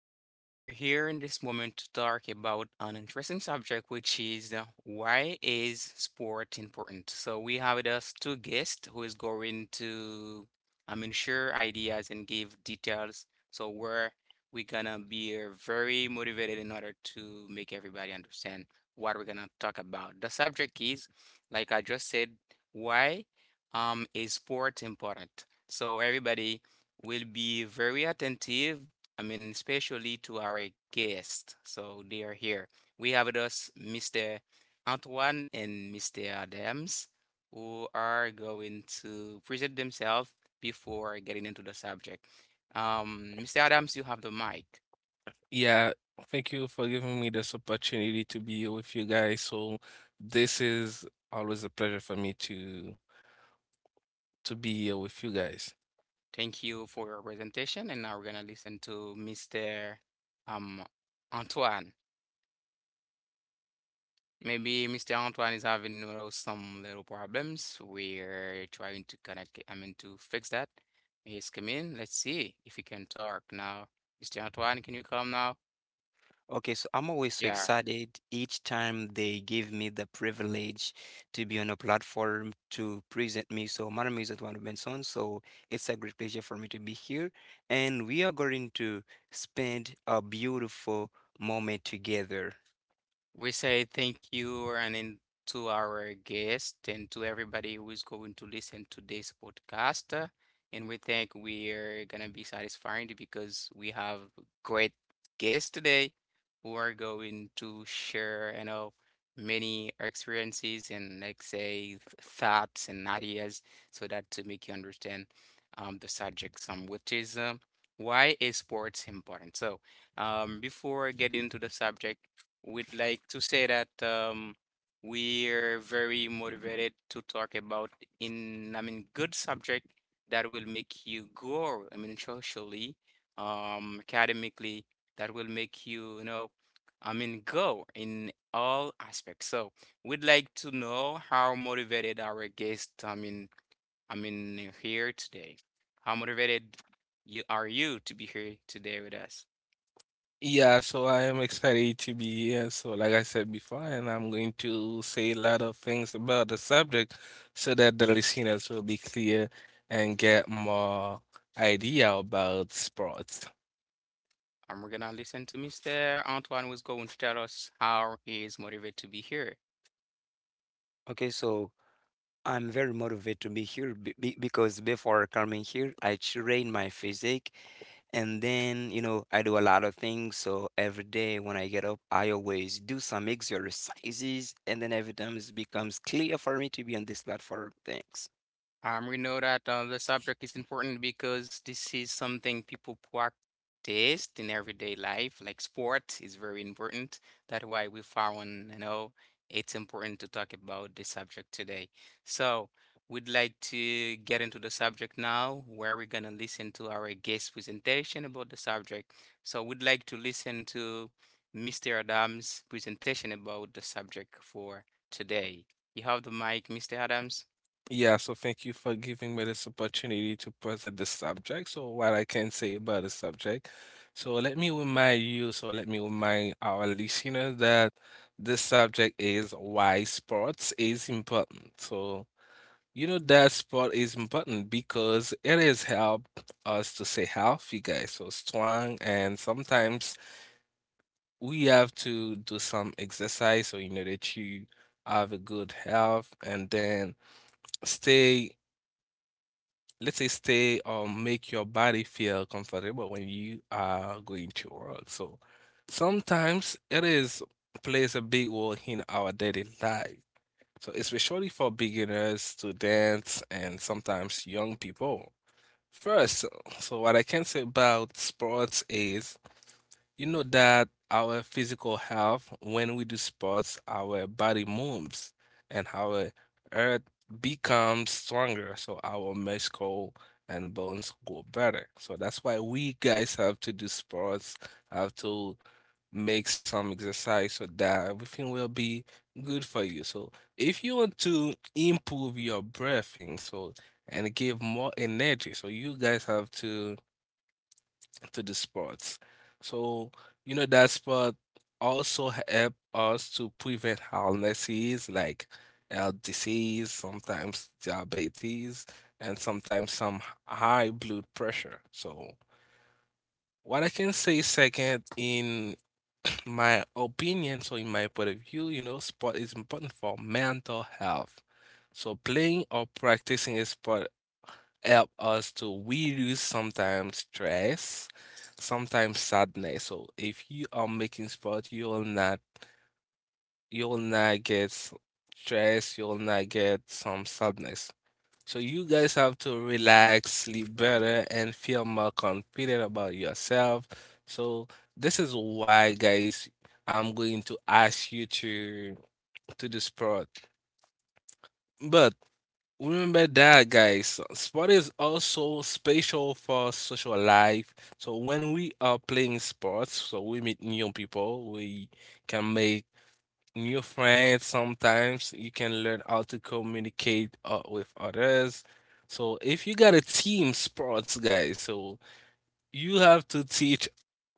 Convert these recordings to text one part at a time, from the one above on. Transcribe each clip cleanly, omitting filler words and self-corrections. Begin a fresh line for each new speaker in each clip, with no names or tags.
everybody. We are here in this moment to talk about an interesting subject, which is why is sport important? So we have with us two guests who is going to, share ideas and give details. So we gonna be very motivated in order to make everybody understand what we're gonna talk about. The subject is, like I just said, why is sport important? So everybody will be very attentive, I mean, especially to our guests. So they are here. We have with us Mr. Antoine and Mr. Adams, who are going to present themselves before getting into the subject. Mr. Adams, you have the mic.
Yeah, thank you for giving me this opportunity to be here with you guys. So this is always a pleasure for me to be here with you guys.
Thank you for your presentation, and now we're gonna listen to Mr. Um, Antoine. Maybe Mr. Antoine is having, you know, some little problems. We're trying to connect, I mean, to fix that. He's come in. Let's see if he can talk now. Mr. Antoine, can you come now?
Okay, so I'm always so
Yeah.
excited each time they give me the privilege to be on a platform to present me. So my name is Eduardo Benson, so it's a great pleasure for me to be here, and we are going to spend a beautiful moment together.
We say thank you and in, to our guest and to everybody who is going to listen to this podcast. And we think we're gonna be satisfied because we have great guests today who are going to share, you know, many experiences and like say thoughts and ideas so that to make you understand the subject some which is why is sports important. So before getting into the subject would like to say that we're very motivated to talk about in, I mean, good subject that will make you grow, I mean, socially, academically, that will make you, you know, I mean, grow in all aspects. So we'd like to know how motivated our guest, I mean, here today. How motivated you are you to be here today with us?
Yeah, so I am excited to be here. So like I said before, and I'm going to say a lot of things about the subject so that the listeners will be clear and get more idea about sports.
And we're gonna listen to Mr. Antoine was going to tell us how he is motivated to be here.
Okay, so I'm very motivated to be here because before coming here, I train my physique and then, you know, I do a lot of things. So every day when I get up, I always do some exercises and then every time it becomes clear for me to be on this platform. Thanks.
We know that the subject is important because this is something people practice in everyday life. Like sport is very important. That's why we found, you know, it's important to talk about this subject today. So we'd like to get into the subject now, where we're gonna listen to our guest presentation about the subject. So we'd like to listen to Mr. Adams' presentation about the subject for today. You have the mic, Mr. Adams.
Yeah, so thank you for giving me this opportunity to present the subject. So what I can say about the subject. So let me remind you, so let me remind our listeners that this subject is why sports is important. So you know that sport is important because it has helped us to stay healthy, guys. So strong, and sometimes we have to do some exercise so you know that you have a good health and then stay, let's say, stay or make your body feel comfortable when you are going to work. So sometimes it is plays a big role in our daily life. So especially for beginners, students, and sometimes young people. First, so so what I can say about sports is, you know, that our physical health, when we do sports, our body moves and our earth becomes stronger. So our muscle and bones go better. So that's why we guys have to do sports, have to make some exercise so that everything will be good for you. So if you want to improve your breathing, so and give more energy, so you guys have to the sports. So you know that sport also help us to prevent illnesses like heart disease, sometimes diabetes, and sometimes some high blood pressure. So what I can say second in my opinion, so in my point of view, you know, sport is important for mental health. So playing or practicing a sport help us to reduce sometimes stress, sometimes sadness. So if you are making sport, you'll not get stress, you'll not get some sadness. So you guys have to relax, sleep better, and feel more confident about yourself. So this is why, guys, I'm going to ask you to the sport. But remember that, guys, sport is also special for social life. So when we are playing sports, so we meet new people, we can make new friends sometimes you can learn how to communicate with others. So if you got a team sports guys, so you have to teach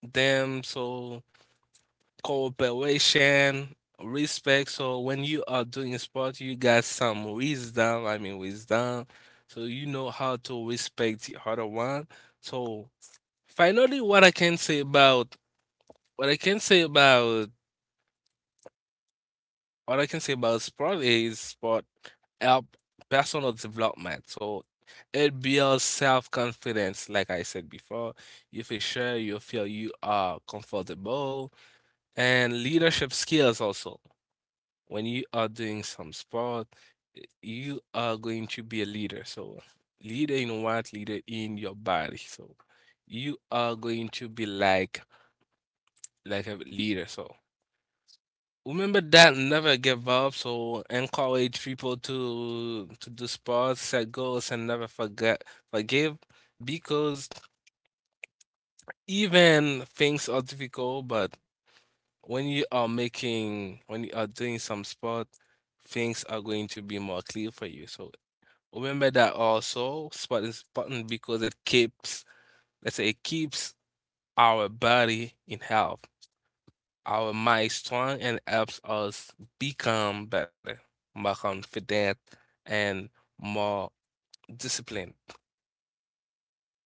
them so cooperation respect. So when you are doing sport you got some wisdom wisdom. So you know how to respect the other one. So finally what I can say about what I can say about what I can say about sport is sport help personal development. So it builds self-confidence, like I said before. You feel sure, you feel you are comfortable, and leadership skills also. When you are doing some sport, you are going to be a leader. So leader in what? Leader in your body. So you are going to be like a leader. So remember that never give up. So encourage people to do sports, set goals, and never forget forgive, because even things are difficult, but when you are doing some sport, things are going to be more clear for you. So remember that also sport is important because it keeps let's say it keeps our body in health. Our minds strong and helps us become better, more confident, and more disciplined.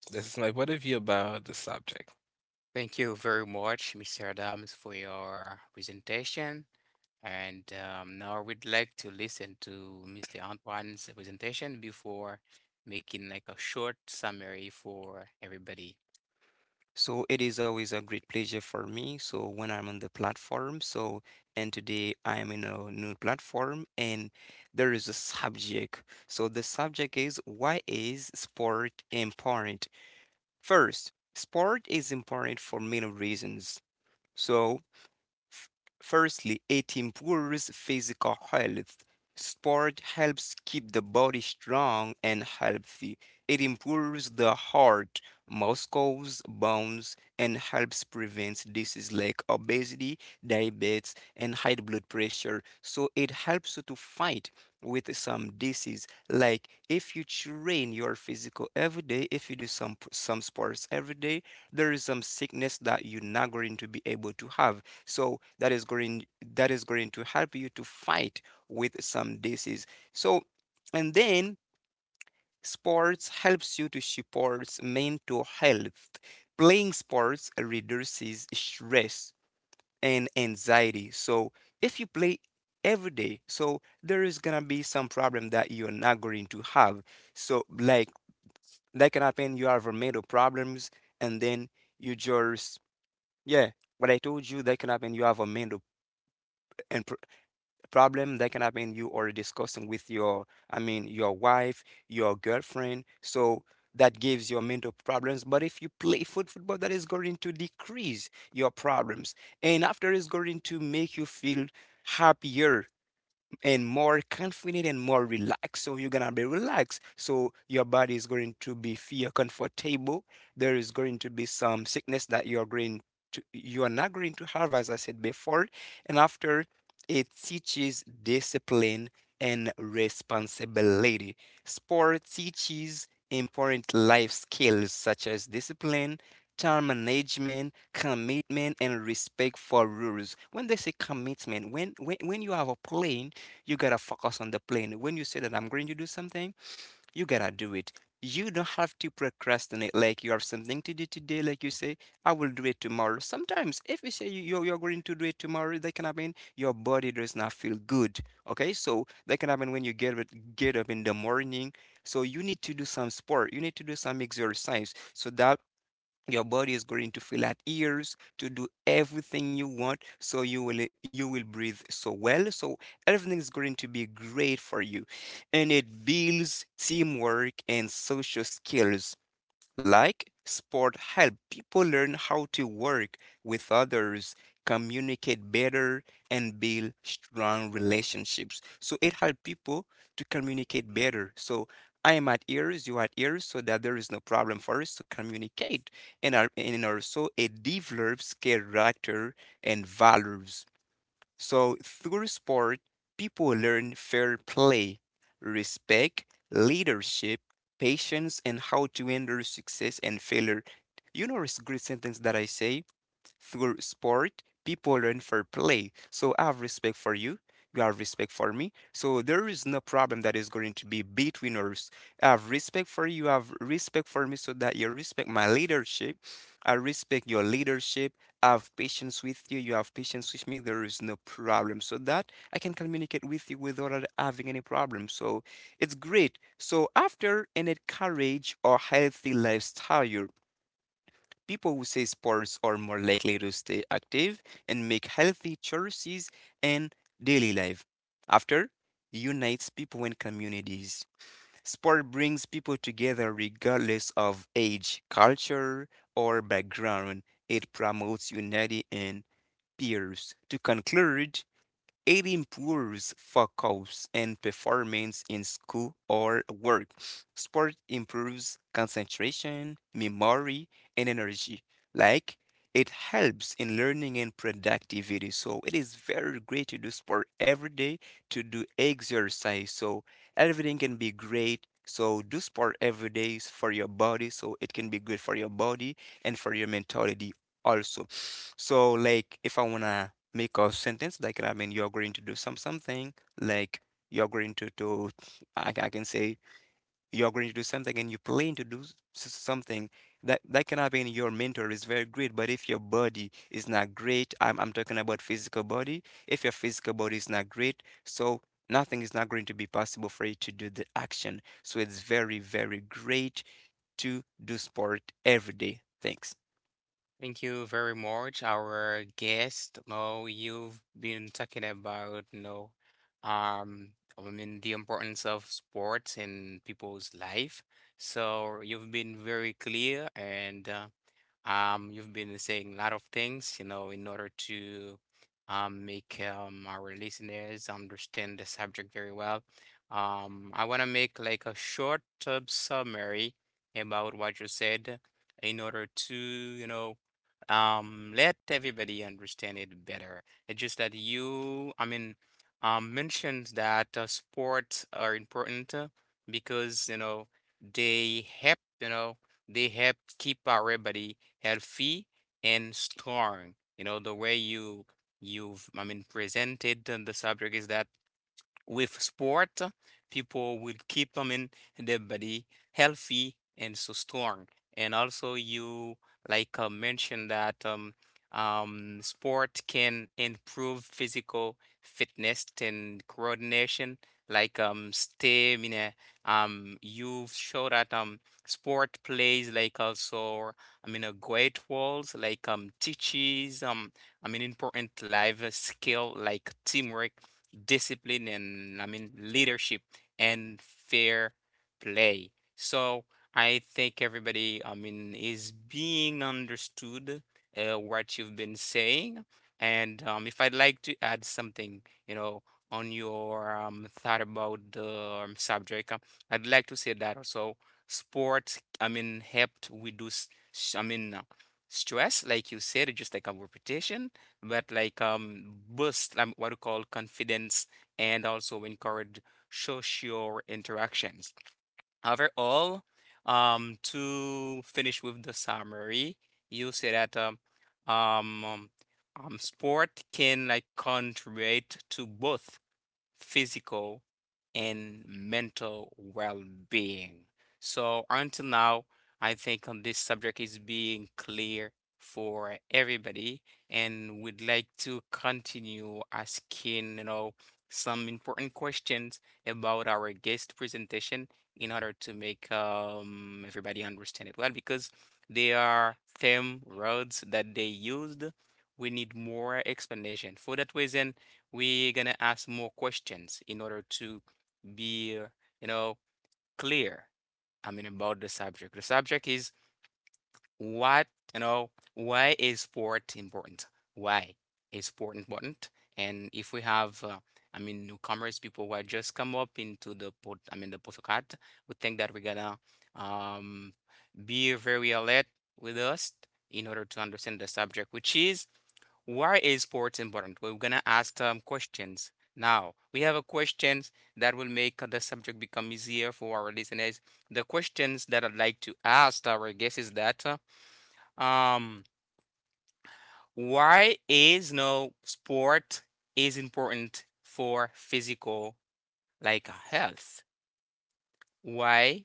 This is my point of view about the subject.
Thank you very much, Mr. Adams, for your presentation. And now we'd like to listen to Mr. Antoine's presentation before making like a short summary for everybody.
So it is always a great pleasure for me. So when I'm on the platform, so and today I am in a new platform and there is a subject. So the subject is, why is sport important? First, sport is important for many reasons. So, F- firstly, it improves physical health. Sport helps keep the body strong and healthy. It improves the heart, muscles, bones, and helps prevent diseases like obesity, diabetes, and high blood pressure. So it helps you to fight with some disease. Like if you train your physical every day, if you do some some sports every day, there is some sickness that you're not going to be able to have, so that is going to help you to fight with some disease. So and then sports helps you to support mental health. Playing sports reduces stress and anxiety. So if you play every day, so there is gonna be some problem that you're not going to have. So like that can happen you have mental problems, and then you just, yeah, what I told you, that can happen you have a mental and. problem. That can happen you are discussing with your your wife, your girlfriend, so that gives your mental problems. But if you play football, that is going to decrease your problems, and after it's going to make you feel happier and more confident and more relaxed. So you're gonna be relaxed. So your body is going to be feel comfortable. There is going to be some sickness that you're going to you are not going to have, as I said before. And after, it teaches discipline and responsibility. Sport teaches important life skills such as discipline, time management, commitment, and respect for rules. When they say commitment, when you have a plan, you gotta focus on the plan. When you say that I'm going to do something, you gotta do it. You don't have to procrastinate. Like you have something to do today, like you say, I will do it tomorrow. Sometimes, if you say you're going to do it tomorrow, that can happen. Your body does not feel good. Okay, so that can happen when you get up in the morning. So you need to do some sport. You need to do some exercise so that your body is going to feel at ease to do everything you want, so you will breathe so well. So everything is going to be great for you, and it builds teamwork and social skills. Like sport help people learn how to work with others, communicate better and build strong relationships. So it helps people to communicate better. So I am at ears, you are at ears, so that there is no problem for us to communicate. And also it develops character and values. So through sport, people learn fair play, respect, leadership, patience, and how to handle success and failure. You know, it's a great sentence that I say: through sport, people learn for play. So I have respect for you. You have respect for me. So there is no problem that is going to be between us. I have respect for you. I have respect for me so that you respect my leadership. I respect your leadership. I have patience with you. You have patience with me. There is no problem. So that I can communicate with you without having any problem. So it's great. So after, an encourage or healthy lifestyle, people who say sports are more likely to stay active and make healthy choices in daily life. After, unites people in communities. Sport brings people together regardless of age, culture, or background. It promotes unity and peers. To conclude, it improves focus and performance in school or work. Sport improves concentration, memory, and energy. Like, it helps in learning and productivity. So it is very great to do sport every day, to do exercise. So everything can be great. So do sport every day is for your body. So it can be good for your body and for your mentality also. So like if I wanna make a sentence, you're going to do some something, like you're going to do, I can say, you're going to do something and you plan to do something. That can happen your mentor is very great, but if your body is not great, I'm talking about physical body. If your physical body is not great, so nothing is not going to be possible for you to do the action. So it's very, very great to do sport every day. Thanks.
Thank you very much, our guest. Now you've been talking about, you know, um, I mean the importance of sports in people's life. So you've been very clear and you've been saying a lot of things, you know, in order to make our listeners understand the subject very well. I want to make like a short summary about what you said in order to, you know, let everybody understand it better. It's just that you, I mean, mentioned that sports are important because, you know, they help, you know. They help keep our body healthy and strong. You know, the way you've I mean presented the subject is that with sport, people will keep them in their body healthy and so strong. And also, you like mentioned that sport can improve physical fitness and coordination, like stamina. You show that sport plays like also, I mean, a great roles like teaches I mean, important life skill like teamwork, discipline, and I mean leadership and fair play. So I think everybody I mean is being understood what you've been saying. And if I'd like to add something, you know, on your thought about the subject, I'd like to say that also sport, I mean, helped reduce, I mean, stress, like you said, just like a repetition but like boost what we call confidence and also encourage social interactions. Overall, to finish with the summary, you say that um, um sport can like contribute to both physical and mental well being. So, until now, I think on this subject is being clear for everybody, and we'd like to continue asking, you know, some important questions about our guest presentation in order to make everybody understand it well because they are theme words that they used. We need more explanation. For that reason, we're gonna ask more questions in order to be, you know, clear. I mean, about the subject. The subject is what, you know, why is sport important? Why is sport important? And if we have, I mean, newcomers, people who have just come up into the pod, I mean, the podcast, we think that we're gonna um, be very alert with us in order to understand the subject, which is why is sports important? Well, we're gonna ask some questions. Now, we have a questions that will make the subject become easier for our listeners. The questions that I'd like to ask our guests is that um why is no sport is important for physical like health? Why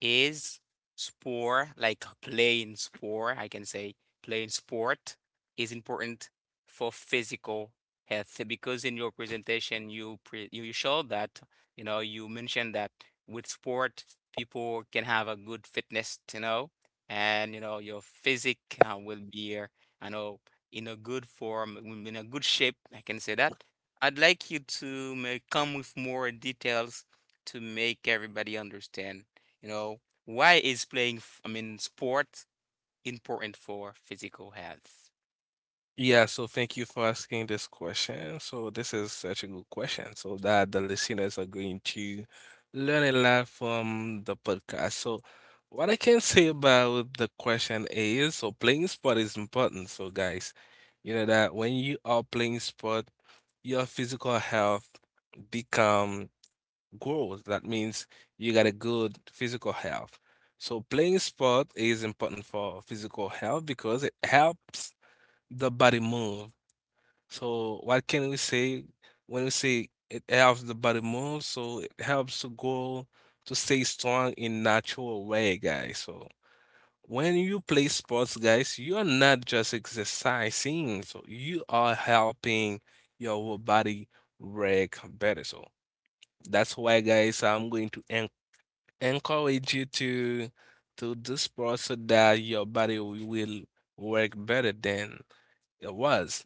is sport, like playing sport, I can say playing sport is important for physical health because in your presentation you pre you you showed that, you know, you mentioned that with sport people can have a good fitness, you know, and you know your physic will be, I know, in a good form, in a good shape, I can say that. I'd like you to may come with more details to make everybody understand you know, why is playing, I mean, sport important for physical health?
Yeah, so thank you for asking this question. So this is such a good question, so that the listeners are going to learn a lot from the podcast. So what I can say about the question is, so playing sport is important. So guys, you know that when you are playing sport, your physical health become grows. That means you got a good physical health. So playing sport is important for physical health because it helps the body move. So what can we say when we say it helps the body move? So it helps to go to stay strong in natural way, guys. So when you play sports, guys, you are not just exercising. So you are helping your body work better. So that's why, guys, I'm going to en encourage you to do sports so that your body will work better than it was.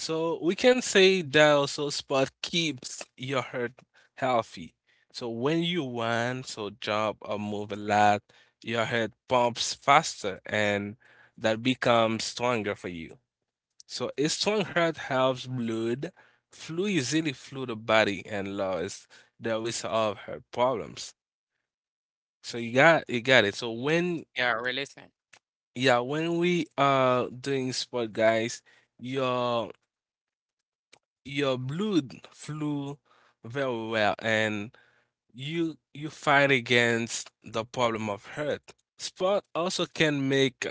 So we can say that also sport keeps your heart healthy. So when you run, so jump or move a lot, your heart pumps faster and that becomes stronger for you. So a strong heart helps blood flow easily through the body and lowers the risk of heart problems. So you got it. So when
Yeah, really.
yeah, when we are doing sport guys, your your blood flew very well and you fight against the problem of hurt. Sport also can make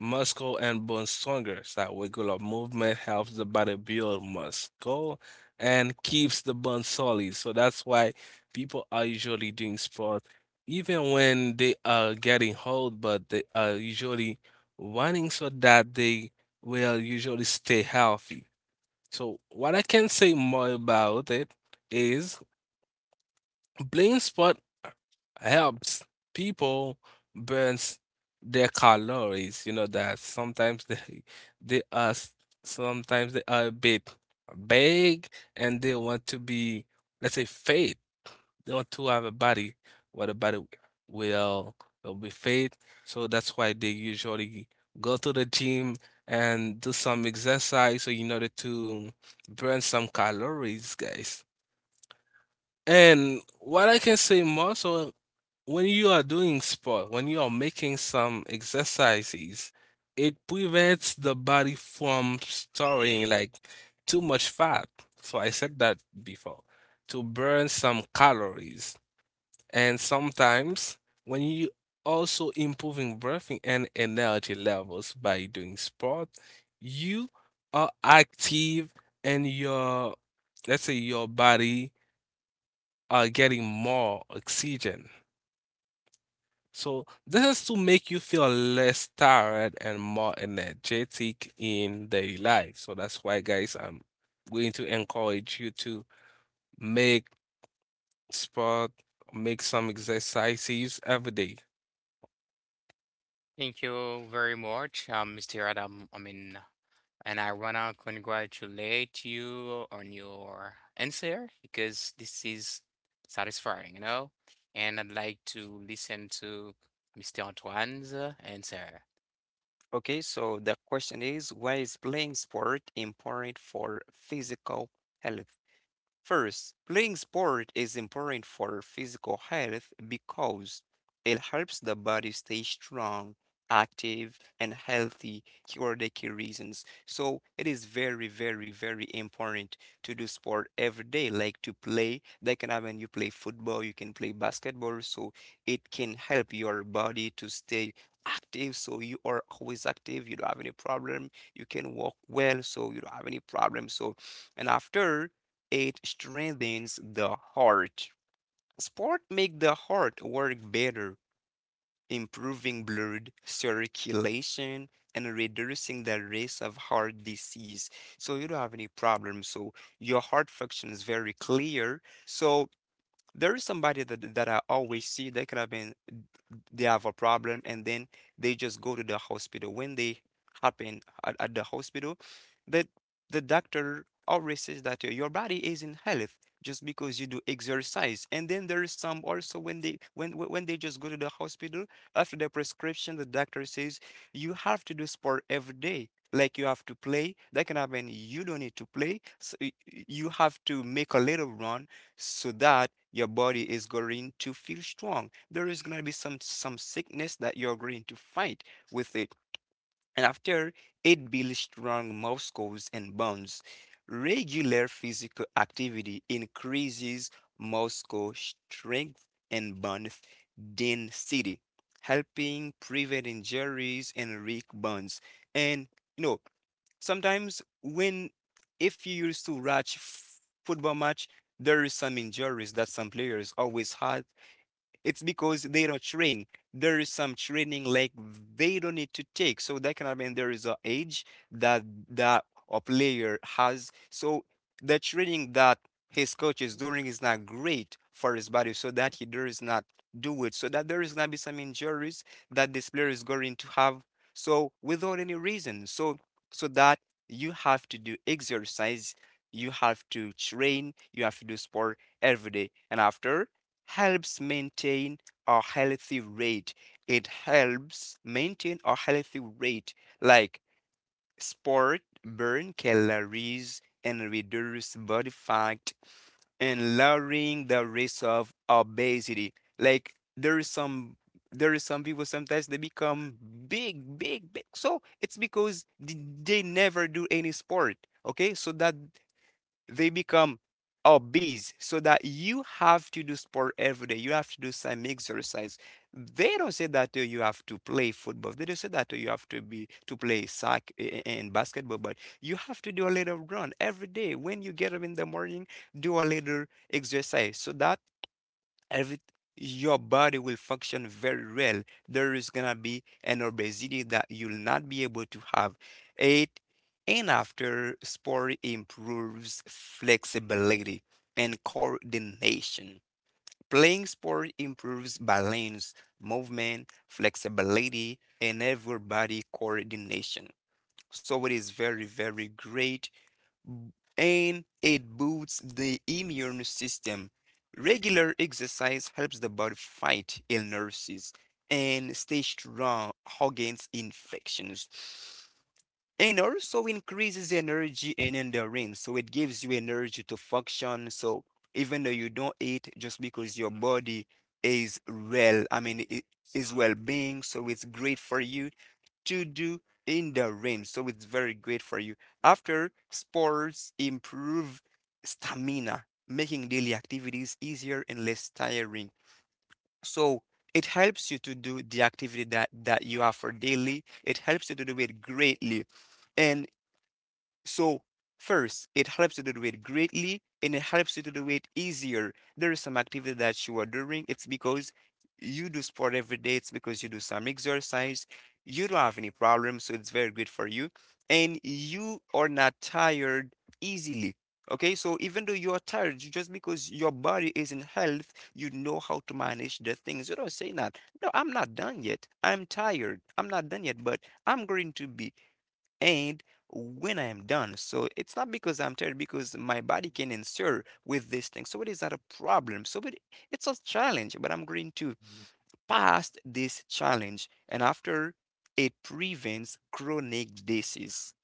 muscle and bone stronger. So regular movement helps the body build muscle and keeps the bone solid. So that's why people are usually doing sport even when they are getting old, but they are usually running so that they will usually stay healthy. So what I can say more about it is blind spot helps people burns their calories. You know that sometimes they are s- sometimes they are a bit big and they want to be let's say fit or to have a body what a body will will be fit. So that's why they usually go to the gym and do some exercise so in order to burn some calories guys. And what I can say more. So when you are doing sport, when you are making some exercises, it prevents the body from storing like too much fat. So I said that before to burn some calories. And sometimes when you also improving breathing and energy levels by doing sport, you are active and your, let's say your body are getting more oxygen. So this is to make you feel less tired and more energetic in daily life. So that's why, guys, I'm going to encourage you to make sport, make some exercises every day.
Thank you very much, Mr. Adam. I mean, and I wanna congratulate you on your answer because this is satisfying, you know? And I'd like to listen to Mr. Antoine's answer.
Okay, so the question is, why is playing sport important for physical health? First, playing sport is important for physical health because it helps the body stay strong, active, and healthy for the key reasons. So it is very, very, very important to do sport every day, like to play. That can happen you play football, you can play basketball, so it can help your body to stay active, so you are always active. You don't have any problem. You can walk well, so you don't have any problem. So and after, it strengthens the heart. Sport make the heart work better, improving blood circulation and reducing the risk of heart disease. So you don't have any problem. So your heart function is very clear. So there is somebody that I always see they could have been they have a problem, and then they just go to the hospital. When they happen at the hospital, that the doctor always says that your body is in health just because you do exercise. And then there is some also when they when they just go to the hospital after the prescription, the doctor says you have to do sport every day. Like you have to play, that can happen. You don't need to play. So you have to make a little run so that your body is going to feel strong. There is going to be some sickness that you're going to fight with it. And after, it builds strong muscles and bones. Regular physical activity increases muscle strength and bone density, helping prevent injuries and weak bones. And you know, sometimes when, if you used to watch football match, there is some injuries that some players always had. It's because they don't train. There is some training like they don't need to take. So that cannot mean there is a age that that a player has. So the training that his coach is doing is not great for his body, so that he does not do it. So that there is gonna be some injuries that this player is going to have. So without any reason. So so that you have to do exercise, you have to train, you have to do sport every day. And after, helps maintain a healthy rate. It helps maintain a healthy rate, like sport, burn calories, and reduce body fat, and lowering the risk of obesity. Like there is some people sometimes they become big, big, big. So it's because they never do any sport. Okay, so that they become obese, so that you have to do sport every day. You have to do some exercise. They don't say that you have to play football. They don't say that you have to be to play soccer and basketball, but you have to do a little run every day. When you get up in the morning, do a little exercise so that every your body will function very well. There is gonna be an obesity that you'll not be able to have. Eight, and after sport improves flexibility and coordination. Playing sport improves balance, movement, flexibility, and every body coordination. So it is very, very great, and it boosts the immune system. Regular exercise helps the body fight illnesses and stay strong against infections. And also increases energy and endurance. So it gives you energy to function. So even though you don't eat, just because your body is well, it is well being, so it's great for you to do in the rain. So it's very great for you. After sports improve stamina, making daily activities easier and less tiring. So it helps you to do the activity that you have for daily. It helps you to do it greatly. And so first, it helps you to do it greatly and it helps you to do it easier. There is some activity that you are doing. It's because you do sport every day. It's because you do some exercise. You don't have any problems, so it's very good for you. And you are not tired easily. Okay, so even though you are tired, just because your body is in health, you know how to manage the things. You don't say that. No, I'm not done yet. I'm tired. I'm not done yet, but I'm going to be and when I am done. So it's not because I'm tired, because my body can answer with this thing. So it is not a problem. It's a challenge, but I'm going to pass this challenge. And after it prevents chronic disease.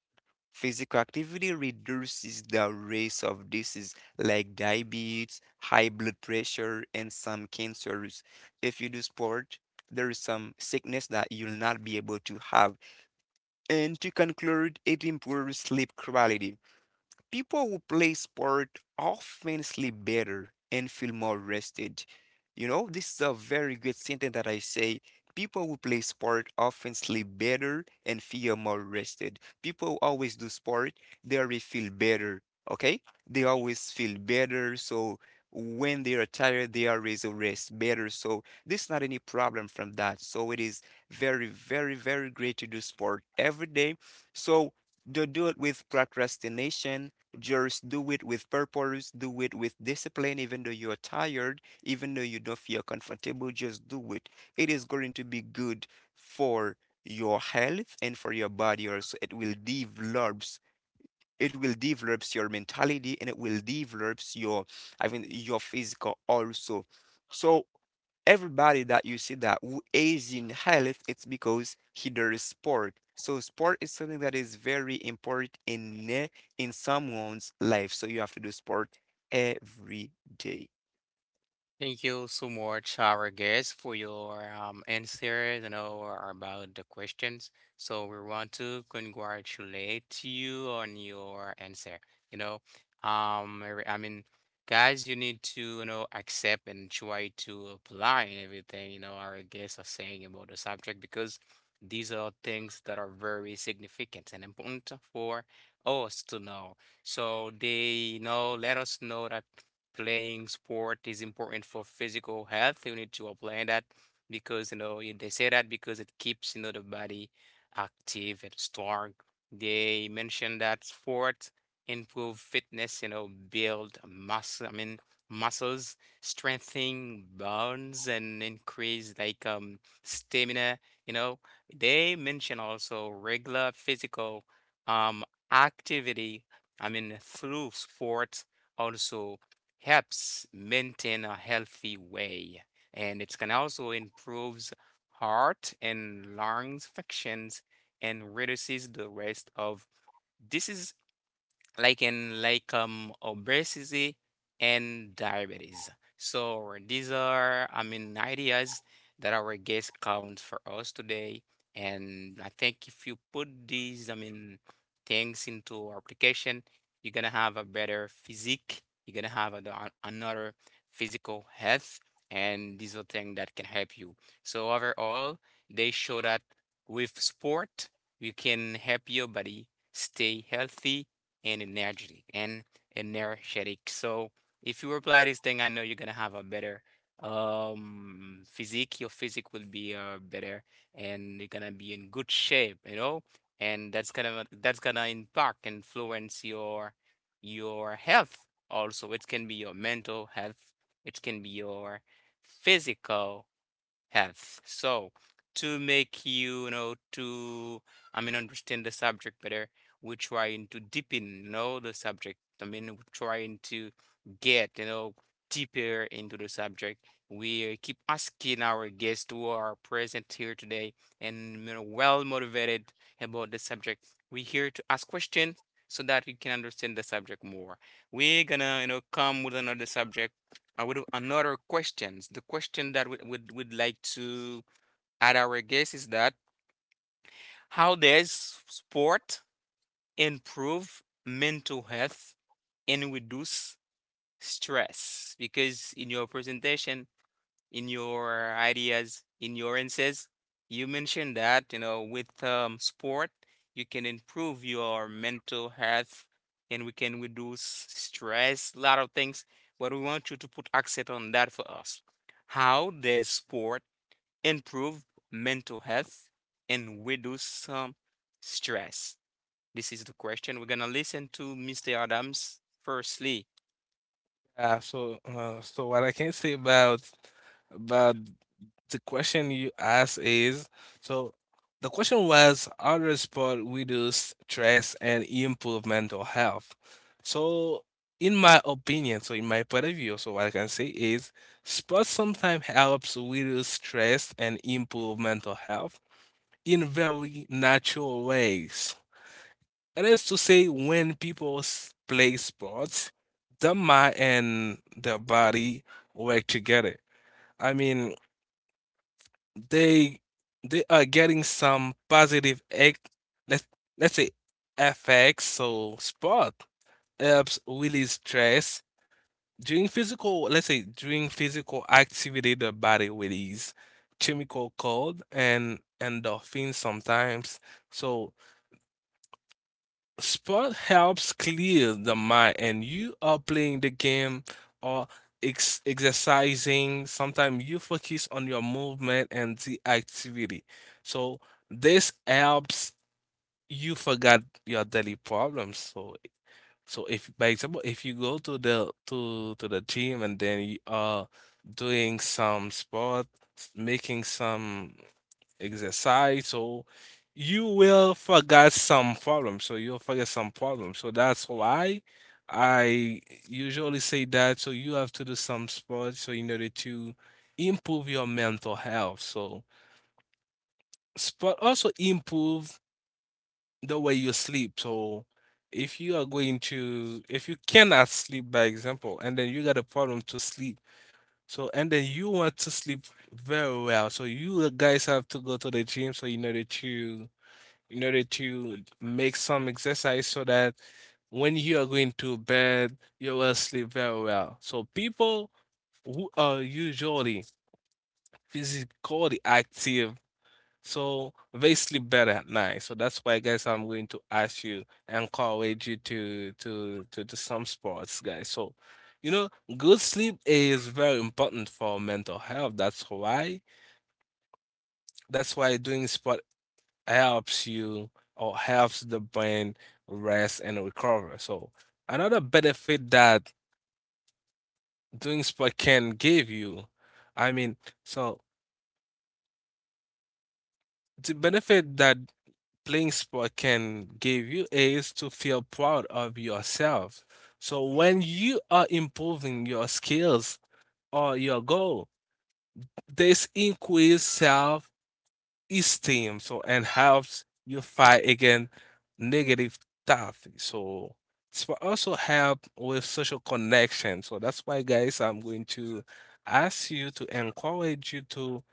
Physical activity reduces the risk of disease like diabetes, high blood pressure, and some cancers. If you do sport, there is some sickness that you'll not be able to have, and to conclude, it improves sleep quality. People who play sport often sleep better and feel more rested. You know, this is a very good sentence that I say. People who play sport often sleep better and feel more rested. People who always do sport, they always feel better. Okay? They always feel better. So when they are tired, they always rest better. So this is not any problem from that. So it is very, very, very great to do sport every day. So to do it with procrastination, just do it with purpose, do it with discipline, even though you are tired, even though you don't feel comfortable, just do it. It is going to be good for your health and for your body also. It will develops your mentality and it will develops your I mean your physical also. So everybody that you see that who is in health, it's because he does sport. So sport is something that is very important in someone's life. So you have to do sport every day.
Thank you so much, our guest, for your answers and all about the questions. So we want to congratulate you on your answer. You know, I I mean, guys, you need to you know accept and try to apply and everything. You know, our guests are saying about the subject because these are things that are very significant and important for us to know. So they you know let us know that playing sport is important for physical health. You need to apply that because you know they say that because it keeps you know the body active and strong. They mention that sport improve fitness, you know, build muscle. I mean muscles, strengthening bones, and increase like stamina. You know, they mention also regular physical um activity. I mean through sports also helps maintain a healthy way, and it can also improves heart and lungs functions and reduces the risk of disease like in like obesity and diabetes. So these are I mean ideas that our guest comes for us today. And I think if you put these I mean things into application, you're gonna have a better physique, you're gonna have a, another physical health and these are things that can help you. So overall they show that with sport we can help your body stay healthy and energetic. So if you apply this thing, I know you're gonna have a better physique. Your physique will be better, and you're gonna be in good shape. You know, and that's gonna impact influence your health. Also, it can be your mental health. It can be your physical have. So to make you, you know, to I mean understand the subject better, we're trying to deepen, you know, the subject. I mean, we're trying to get, you know, deeper into the subject. We keep asking our guests who are present here today and you know well motivated about the subject. We're here to ask questions so that you can understand the subject more. We're gonna, you know, come with another subject I would another questions. The question that we would like to add our guess is that how does sport improve mental health and reduce stress? Because in your presentation in your ideas, in your insights. You mentioned that, you know, with sport, you can improve your mental health and we can reduce stress, a lot of things. But we want you to put accent on that for us. How does sport improve mental health and reduce stress? This is the question. We're going to listen to Mr. Adams firstly.
Yeah, so so what I can say about the question you asked is, so the question was how does sport reduce stress and improve mental health? So in my opinion, so in my point of view, so what I can say is sports sometimes helps reduce stress and improve mental health in very natural ways. It is to say when people play sports, their mind and their body work together. I mean, they they are getting some positive let let's say effects. So sport helps release stress during physical. Let's say during physical activity, the body release chemical called and endorphins sometimes. So sport helps clear the mind, and you are playing the game or exercising. Sometimes you focus on your movement and the activity. So this helps you forget your daily problems. So if by example, if you go to the gym and then you are doing some sport, making some exercise, so you will forget some problems, so you'll forget some problems. So that's why I usually say that, so you have to do some sport so in order to improve your mental health. So sport also improve the way you sleep. So if you are going to if you cannot sleep by example, and then you got a problem to sleep, so and then you want to sleep very well, so you guys have to go to the gym so in order to make some exercise, so that when you are going to bed, you will sleep very well. So people who are usually physically active, so they sleep better at night. So that's why, guys, I'm going to ask you, encourage you to do some sports, guys. So, you know, good sleep is very important for mental health. That's why doing sport helps you or helps the brain rest and recover. So another benefit that doing sport can give you, I mean, so the benefit that playing sport can give you is to feel proud of yourself. So when you are improving your skills or your goal, this increase self esteem, so and helps you fight against negative stuff. So it's for also help with social connection. So that's why guys, I'm going to ask you to encourage you to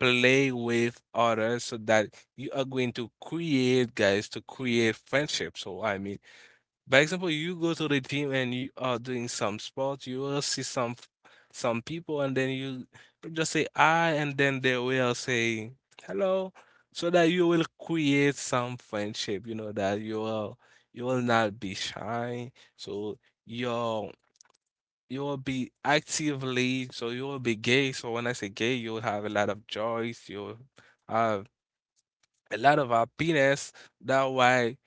play with others, so that you are going to create guys to create friendship. So I mean by example, you go to the gym and you are doing some sports, you will see some people, and then you just say "I," and then they will say "hello," so that you will create some friendship. You know that you will not be shy, so you'll you will be actively, so you will be gay. So when I say gay, you'll have a lot of joys, you'll have a lot of happiness. That why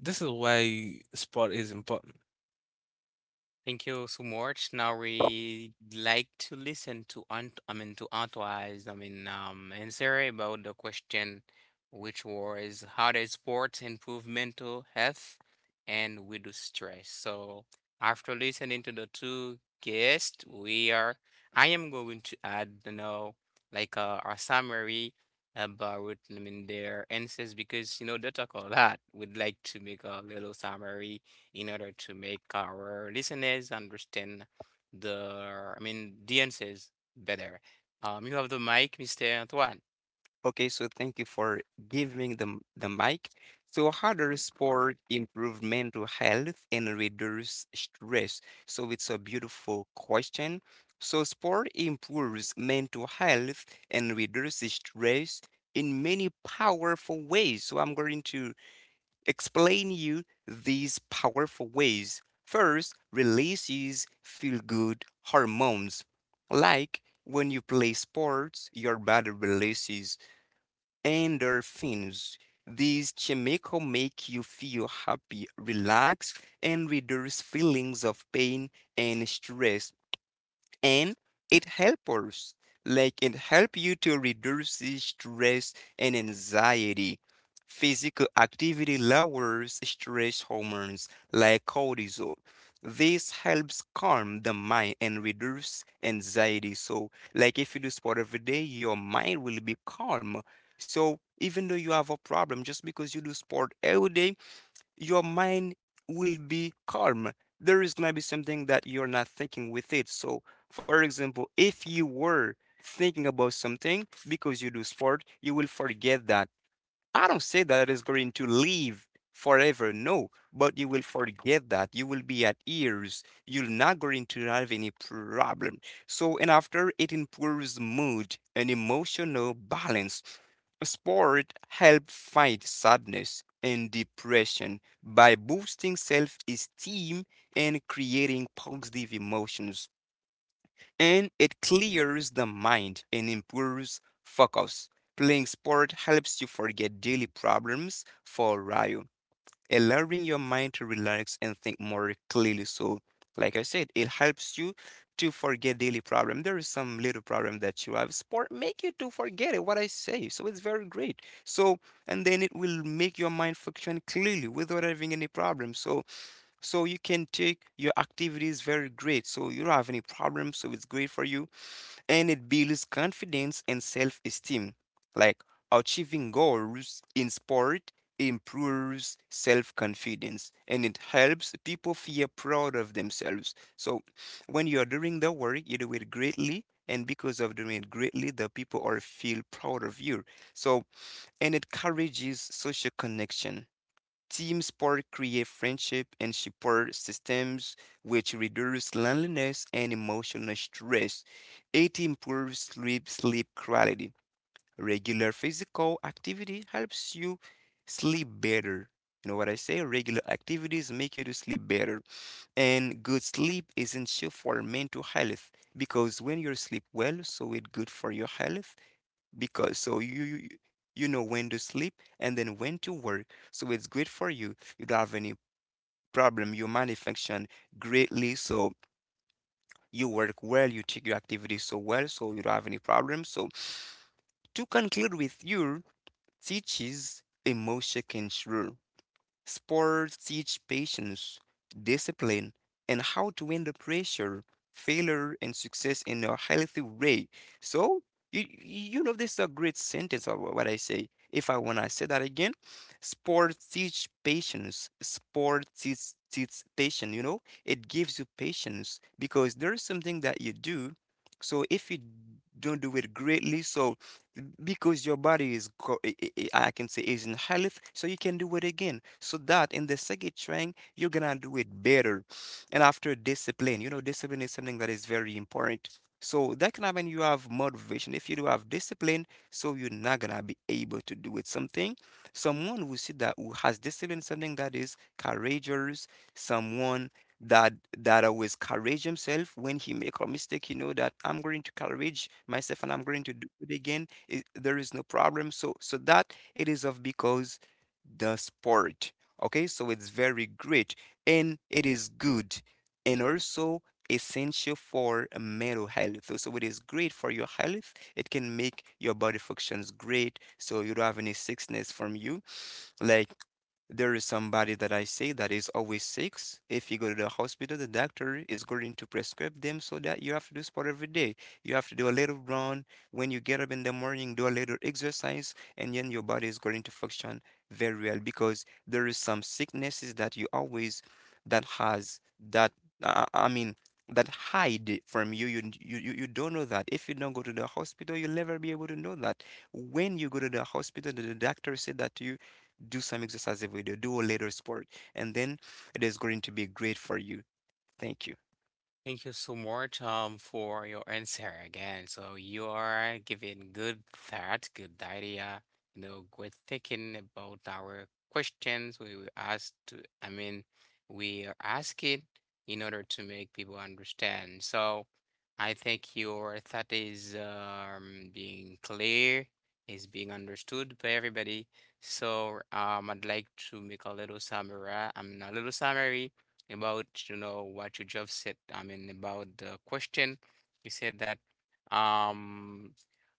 this is why sport is important.
Thank you so much. Now we like to listen to Ant I mean to Antoine's I mean answer about the question which was how does sports improve mental health and reduce stress. So after listening to the two guests, we are I am going to add like a summary about their answers because you know they talk a lot. We'd like to make a little summary in order to make our listeners understand the answers better. You have the mic, Mr. Antoine.
Okay, so thank you for giving the mic. So, how does sport improve mental health and reduce stress? So, it's a beautiful question. So, sport improves mental health and reduces stress in many powerful ways. So, I'm going to explain you these powerful ways. First, releases feel good hormones. Like when you play sports, your body releases endorphins. These chemical make you feel happy, relaxed, and reduce feelings of pain and stress, and it helps, like, it help you to reduce stress and anxiety. Physical activity lowers stress hormones like cortisol. This helps calm the mind and reduce anxiety. So, like, if you do sport every day your mind will be calm. So even though you have a problem, just because you do sport every day your mind will be calm. There is going to be something that you're not thinking with it. So, for example, if you were thinking about something, because you do sport, you will forget that. I don't say that it is going to leave forever, no, but you will forget that. You will be at ease. You're not going to have any problem. So, and after it improves mood and emotional balance. Sport help fight sadness and depression by boosting self-esteem and creating positive emotions. And it clears the mind and improves focus. Playing sport helps you forget daily problems for a while, allowing your mind to relax and think more clearly. So, like I said, it helps you to forget daily problem. There is some little problem that you have. Sport make you to forget it, what I say. So it's very great. So and then it will make your mind function clearly without having any problem. So so you can take your activities very great. So you don't have any problem. So it's great for you, and it builds confidence and self-esteem. Like achieving goals in sport improves self-confidence and it helps people feel proud of themselves. So when you are doing the work, you do it greatly, and because of doing it greatly, the people are feel proud of you. So, and it encourages social connection. Team sport create friendship and support systems which reduce loneliness and emotional stress. It improves sleep quality. Regular physical activity helps you sleep better. You know what I say? Regular activities make you to sleep better. And good sleep is essential for mental health, because when you sleep well, so it's good for your health, because so you you know when to sleep and then when to work. So it's great for you. You don't have any problem. You manufacture greatly. So you work well. You take your activities so well. So you don't have any problem. So to conclude with your teaches emotion control. Sports teach patience, discipline, and how to handle pressure, failure, and success in a healthy way. So, you know, this is a great sentence of what I say. If I want to say that again, sports teach patience. Sports teach patience, you know, it gives you patience because there's something that you do. So, if you don't do it greatly, so because your body is I can say is in health, so you can do it again so that in the second train you're gonna do it better. And after discipline, you know, discipline is something that is very important so that can happen. You have motivation if you do have discipline, so you're not gonna be able to do it something. Someone who see that who has discipline, something that is courageous, someone that always courage himself when he make a mistake, you know that I'm going to courage myself and I'm going to do it again. It, there is no problem. So so that it is of because the sport. Okay, so it's very great and it is good, and also essential for mental health. So so it is great for your health. It can make your body functions great, so you don't have any sickness from you. Like there is somebody that I see that is always sick. If you go to the hospital, the doctor is going to prescribe them so that you have to do sport every day. You have to do a little run. When you get up in the morning, do a little exercise, and then your body is going to function very well, because there is some sicknesses that you always that has that I mean that hide from you. You don't know that. If you don't go to the hospital, you'll never be able to know that. When you go to the hospital, the doctor said that to you, do some exercise every day, do a little sport, and then it is going to be great for you. Thank you.
Thank you so much for your answer again. So you are giving good thought, good idea, you know, good thinking about our questions we were asked to, I mean, we are asking in order to make people understand. So I think your thought is being clear, is being understood by everybody. So I'd like to make a little summary, about you know what you just said. I mean about the question. You said that um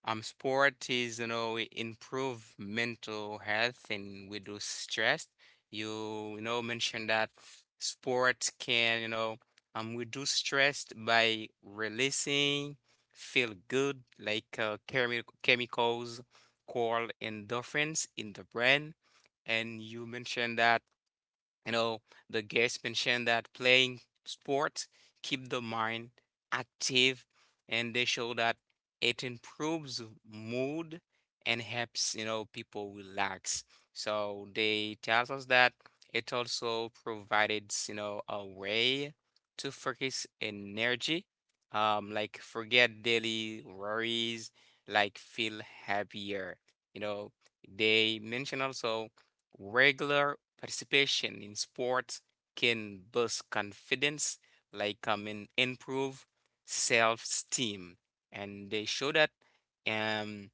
sport is you know improve mental health and reduce stress. You know mentioned that sport can you know reduce stress by releasing feel good like chemicals called endorphins in the brain. And you mentioned that you know, the guest mentioned that playing sports keep the mind active, and they show that it improves mood and helps, you know, people relax. So they tells us that it also provided, you know, a way to focus energy, like forget daily worries, like feel happier. You know, they mention also regular participation in sports can boost confidence, like and improve self-esteem. And they show that um,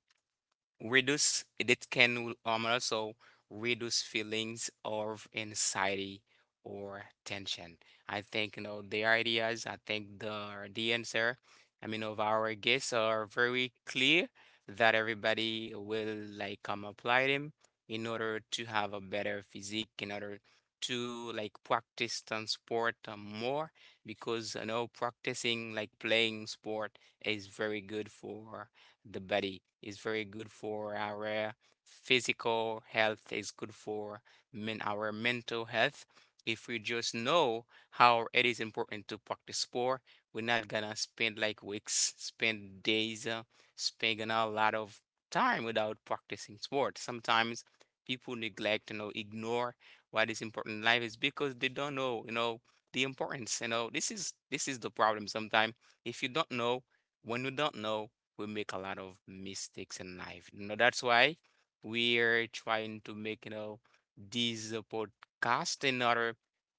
reduce it can also reduce feelings of anxiety or tension. I think you know the ideas, I think the answer I mean of our guests are very clear, that everybody will like apply them in order to have a better physique, in order to like practice on sport more, because you know practicing like playing sport is very good for the body, is very good for our physical health. It's good for men our mental health. If we just know how it is important to practice sport, we're not gonna spend like weeks, spend days spending a lot of time without practicing sport. Sometimes people neglect, you know, ignore what is important in life, is because they don't know, you know, the importance. You know, this is the problem. Sometimes if you don't know, when you don't know, we make a lot of mistakes in life. You know, that's why we're trying to make, you know, these podcast in order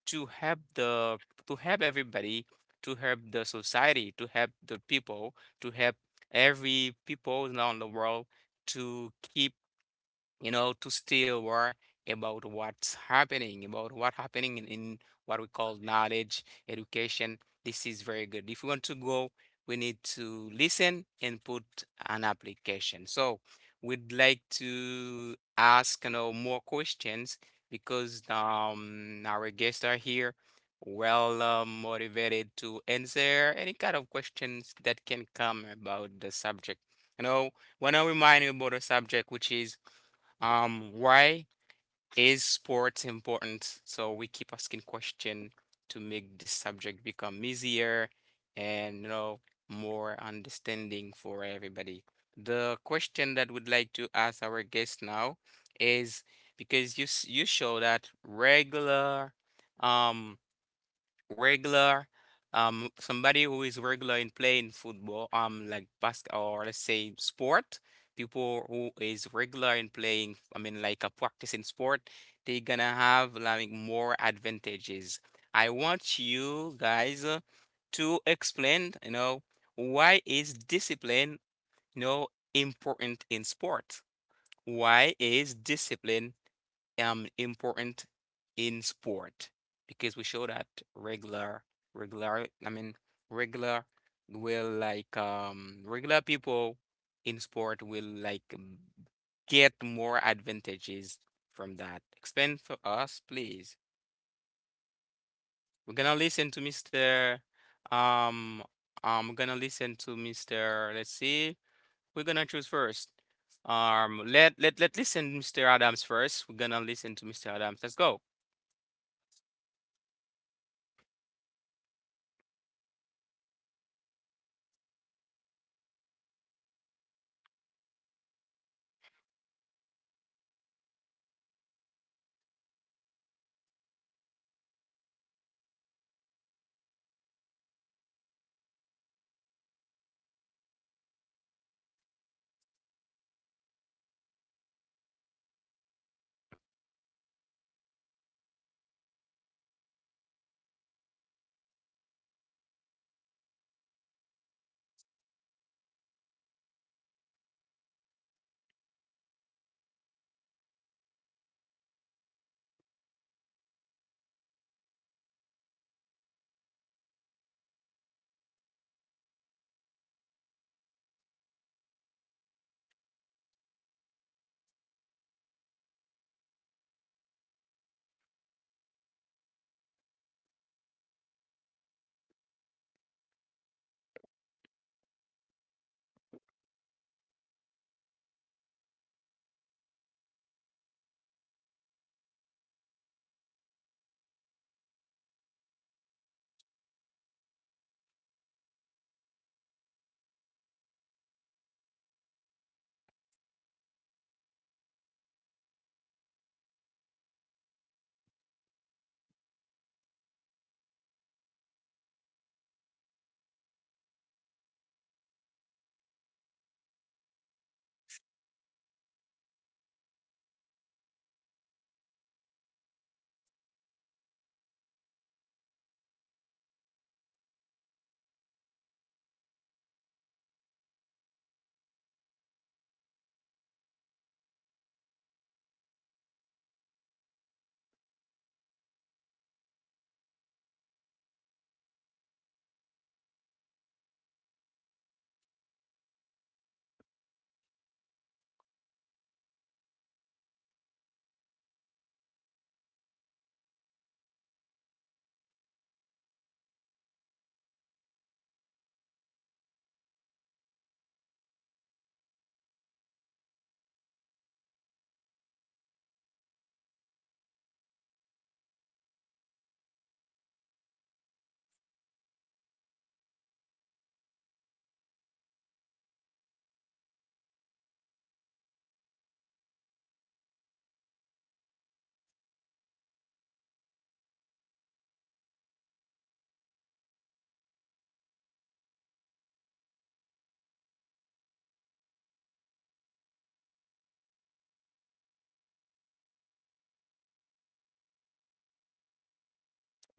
to help the to help everybody, to help the society, to help the people, to help every people now in the world to keep you know, to stay aware about what's happening, about what happening in, what we call knowledge, education. This is very good. If we want to go, we need to listen and put an application. So we'd like to ask, you know, more questions because our guests are here well motivated to answer any kind of questions that can come about the subject. You know, when I remind you about the subject, which is why is sports important? So we keep asking question to make this subject become easier and you know more understanding for everybody. The question that we'd like to ask our guest now is, because you show that um regular, somebody who is regular in playing football, like basket or let's say sport, people who is regular in playing, I mean, like a practicing sport, they gonna have like more advantages. I want you guys to explain, you know, why is discipline, you know, important in sport? Why is discipline important in sport, because we show that regular regular I mean regular will like regular people in sport will like m- get more advantages from that. Explain for us, please. We're gonna listen to Mr. Um um We're gonna listen to Mr. Let's see. We're gonna choose first. Let let let listen Mr. Adams first. We're gonna listen to Mr. Adams. Let's go.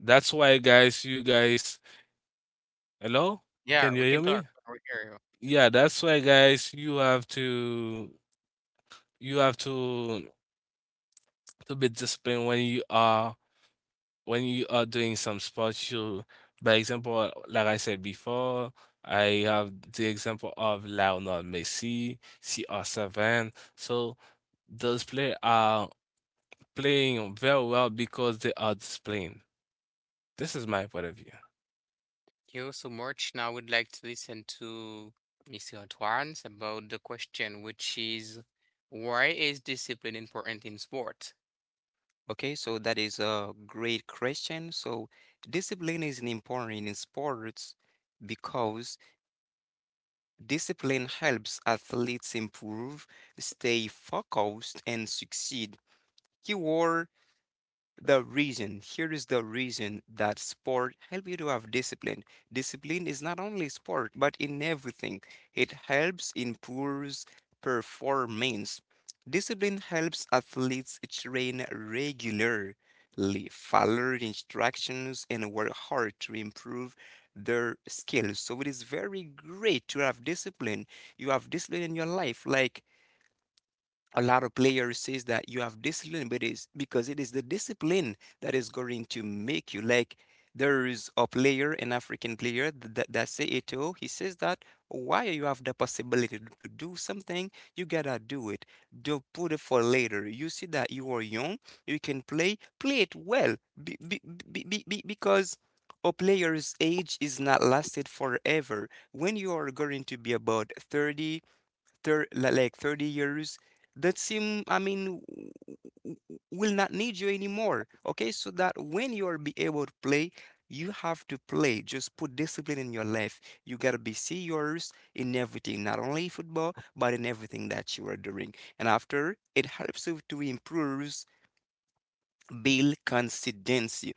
That's why, guys, you guys, hello?
Yeah,
Can you
we can
hear
talk.
me?
I will hear you.
Yeah, that's why, guys, you have to be disciplined when you are doing some sports, you, by example, like I said before, I have the example of Lionel Messi, CR7. So those players are playing very well because they are disciplined. This is my point of view.
Thank you so much. Now I would like to listen to Mr. Antoine about the question, which is why is discipline important in sport?
Okay, so that is a great question. So discipline is important in sports because discipline helps athletes improve, stay focused, and succeed. Keyword, the reason here is the reason that sport help you to have discipline. Discipline is not only sport but in everything. It helps improves performance. Discipline helps athletes train regularly, follow instructions, and work hard to improve their skills. So it is very great to have discipline. You have discipline in your life, like a lot of players says that you have discipline, but it's because it is the discipline that is going to make you like. There is a player, an African player, that say Eto. He says that why you have the possibility to do something, you gotta do it. Don't put it for later. You see that you are young, you can play, play it well, be, be, because a player's age is not lasted forever. When you are going to be about 30 like 30 years that seem I mean will not need you anymore. Okay, so that when you are be able to play you have to play. Just put discipline in your life. You got to be serious in everything, not only football but in everything that you are doing. And after it helps you to improve, build consistency.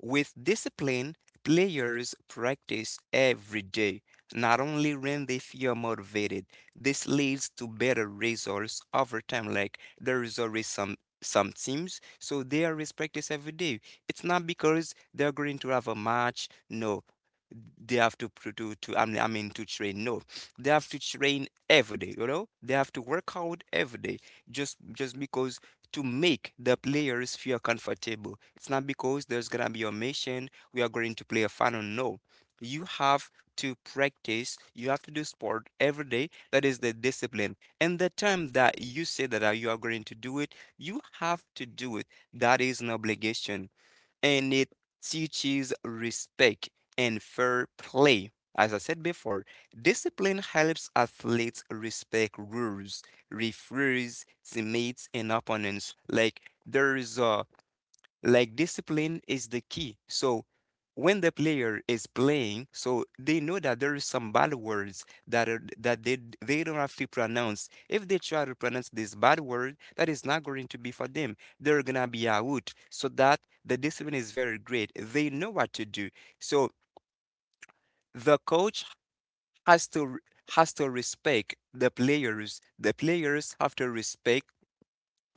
With discipline, players practice every day. Not only when they feel motivated, this leads to better results over time. Like there is always some teams, so they always practice every day. It's not because they're going to have a match. No, they have to I mean to train. No, they have to train every day. You know, they have to work out every day just because to make the players feel comfortable. It's not because there's gonna be a mission. We are going to play a final. No, you have to practice. You have to do sport every day. That is the discipline. And the time that you say that you are going to do it, you have to do it. That is an obligation, and it teaches respect and fair play. As I said before, discipline helps athletes respect rules, referees, teammates, and opponents. Like discipline is the key. So when the player is playing, so they know that there is some bad words that they don't have to pronounce. If they try to pronounce this bad word, that is not going to be for them. They're gonna be out. So that the discipline is very great. They know what to do. So the coach has to has to respect the players. The players have to respect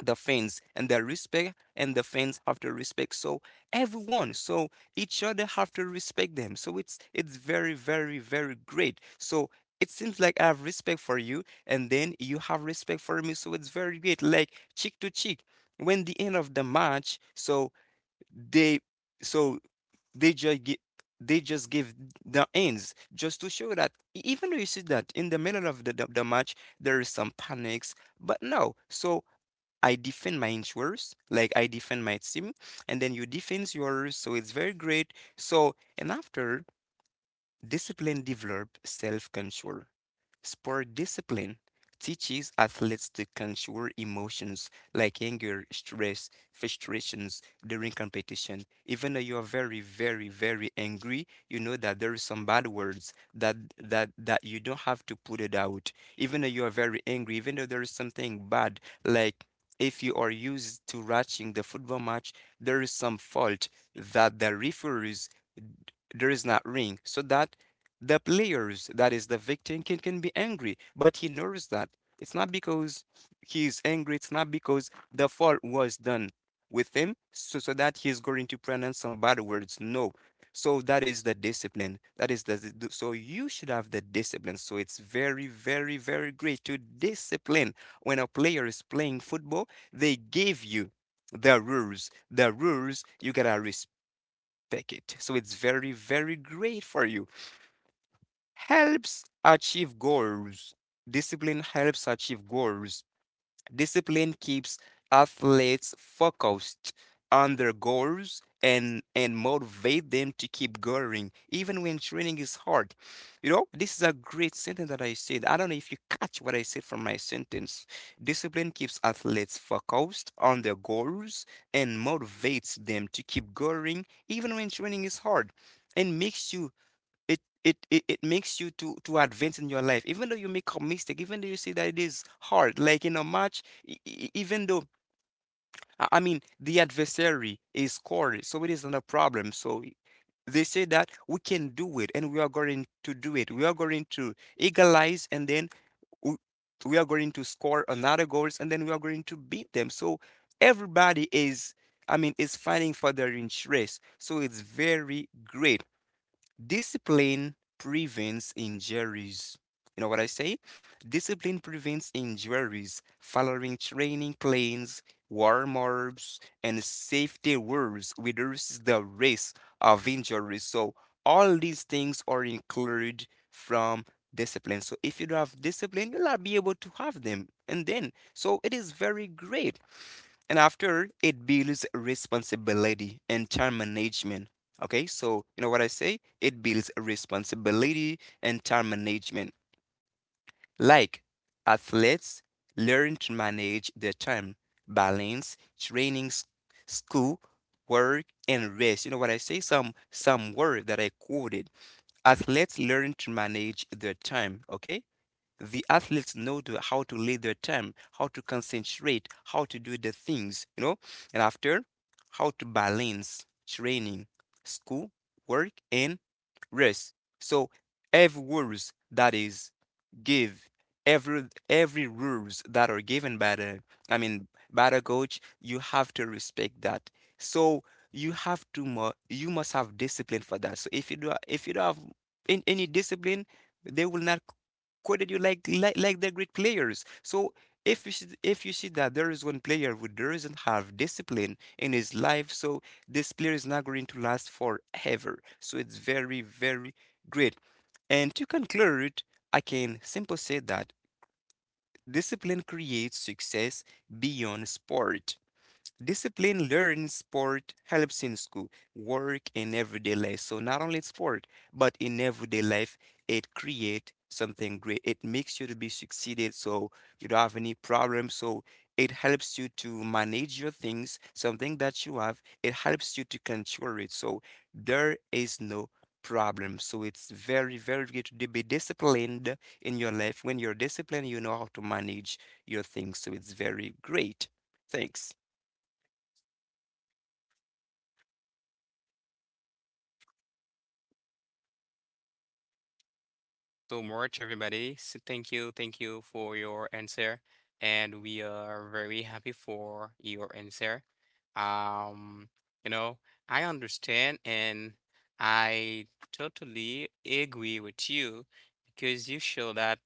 the fans, and they respect, and the fans have to respect, so everyone, so each other have to respect them, so it's very very very great. So it seems like I have respect for you and then you have respect for me, so it's very great, like cheek to cheek when the end of the match. So they so they just get they just give the ends just to show that even though you see that in the middle of the match there is some panics, but no. So I defend my insurers, like I defend my team, and then you defend yours. So it's very great. So, and after, discipline develops self control. Sport discipline teaches athletes to control emotions like anger, stress, frustrations during competition. Even though you are very, very, very angry, you know that there is some bad words that you don't have to put it out. Even though you are very angry, even though there is something bad, like if you are used to watching the football match, there is some fault that the referees, there is not ring so that the players that is the victim can be angry, but he knows that it's not because he's angry, it's not because the fault was done with him, so that he's going to pronounce some bad words. No. So that is the discipline, that is so you should have the discipline. So it's very very very great to discipline. When a player is playing football, they give you the rules, the rules you gotta respect. Take it. So it's very, very great for you. Helps achieve goals. Discipline helps achieve goals. Discipline keeps athletes focused on their goals, and motivate them to keep going even when training is hard. You know, this is a great sentence that I said. I don't know if you catch what I said from my sentence. Discipline keeps athletes focused on their goals and motivates them to keep going even when training is hard, and makes you it it it, it makes you to advance in your life, even though you make a mistake, even though you see that it is hard, like in a match, even though I mean the adversary is scored, so it is not a problem. They say that we can do it, and we are going to do it. We are going to equalize, and then we, we are going to score another goals, and then we are going to beat them. So everybody is, I mean, is fighting for their interest, so it's very great. Discipline prevents injuries. You know what I say? Discipline prevents injuries. Following training plans, warm ups, and safety rules reduces the risk of injuries. So all these things are included from discipline. So if you don't have discipline, you'll not be able to have them. And then, so it is very great. And after, it builds responsibility and time management. Okay, so you know what I say, it builds responsibility and time management. Like athletes learn to manage their time, balance training, school, work, and rest. You know what I say, some word that I quoted. Athletes learn to manage their time, okay. The athletes know how to lead their time, how to concentrate, how to do the things, you know, and after how to balance training, school, work, and rest. So every rules that is give every rules that are given by the I mean by the coach, you have to respect that. So you have to mu you must have discipline for that. So if you don't have any discipline, they will not quoted you like they're great players. So if you see that there is one player who doesn't have discipline in his life, so this player is not going to last forever. So it's very very great. And to conclude, I can simply say that discipline creates success beyond sport. Discipline learned in sport helps in school, work, and everyday life. So not only in sport, but in everyday life, it create something great. It makes you to be succeeded, so you don't have any problems. So it helps you to manage your things, something that you have. It helps you to control it. So there is no problem. So it's very, very good to be disciplined in your life. When you're disciplined, you know how to manage your things. So it's very great. Thanks.
So much, everybody. So thank you for your answer, and we are very happy for your answer. Um, you know, I understand and I totally agree with you because you show that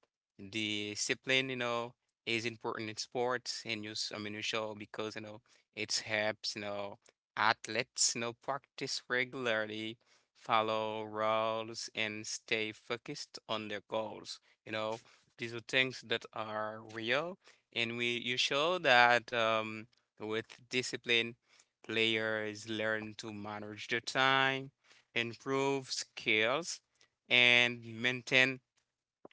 discipline, you know, is important in sports, and you, s- I mean, you show because you know it helps, you know, athletes, you know, practice regularly, follow rules, and stay focused on their goals. You know, these are things that are real, and we you show that with discipline, players learn to manage their time, improve skills, and maintain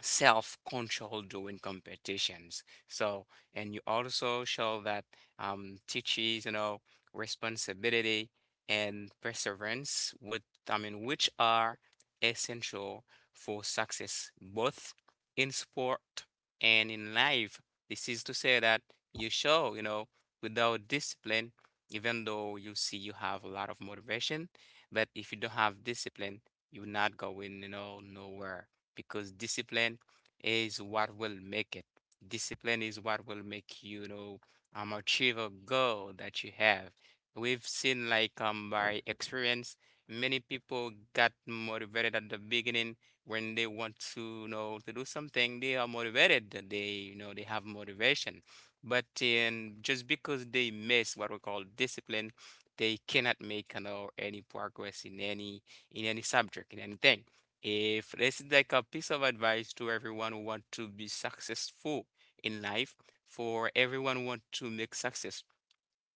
self control during competitions. So, and you also show that teaches, you know, responsibility and perseverance, which are essential for success both in sport and in life. This is to say that you show, you know, without discipline, even though you see you have a lot of motivation, but if you don't have discipline, you're not going, you know, nowhere, because discipline is what will make it. Discipline is what will make you you know achieve a goal that you have. We've seen like by experience, many people got motivated at the beginning when they want to you know to do something. They are motivated. That They you know they have motivation, but just because they miss what we call discipline, they cannot make you know any progress in any subject in anything. If this is like a piece of advice to everyone who want to be successful in life, for everyone who want to make success,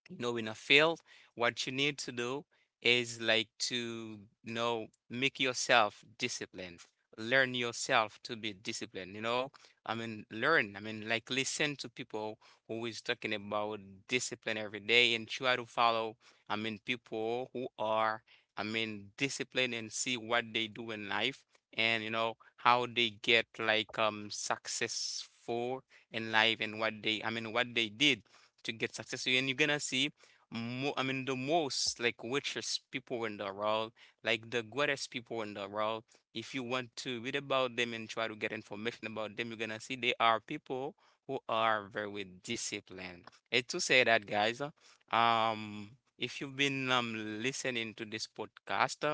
you know in a field, what you need to do is like to you know make yourself disciplined, learn yourself to be disciplined, you know learn like listen to people who is talking about discipline every day, and try to follow people who are disciplined, and see what they do in life and you know how they get like successful in life, and what they what they did to get successful, and you're gonna see more I mean the most like richest people in the world, like the greatest people in the world, if you want to read about them and try to get information about them, you're gonna see they are people who are very disciplined. And to say that, guys um if you've been listening to this podcast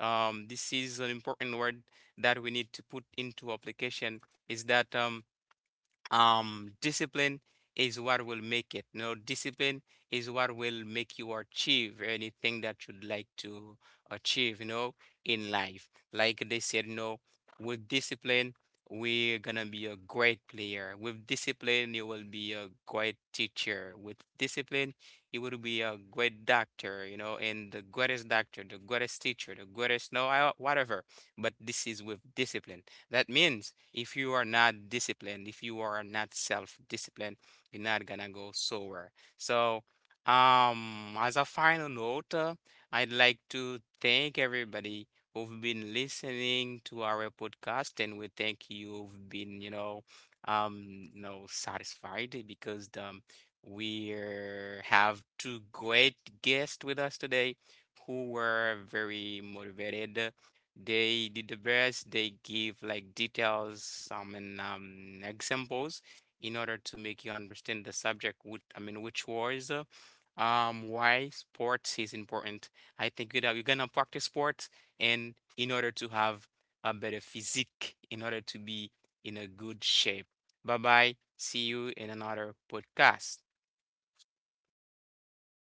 this is an important word that we need to put into application, is that discipline is what will make it. No Discipline is what will make you achieve anything that you'd like to achieve, you know, in life. Like they said, no, with discipline we're gonna be a great player, with discipline you will be a great teacher, with discipline you will be a great doctor, you know, and the greatest doctor, the greatest teacher, the greatest, no I, whatever, but this is with discipline. That means if you are not disciplined, if you are not self-disciplined, you're not gonna go somewhere. So, as a final note, I'd like to thank everybody who've been listening to our podcast, and we thank you've been, um, you know, satisfied because we have two great guests with us today who were very motivated. They did the best. They give like details, examples in order to make you understand the subject, which was, why sports is important. I think that you're gonna practice sports and in order to have a better physique, in order to be in a good shape. Bye bye. See you in another podcast.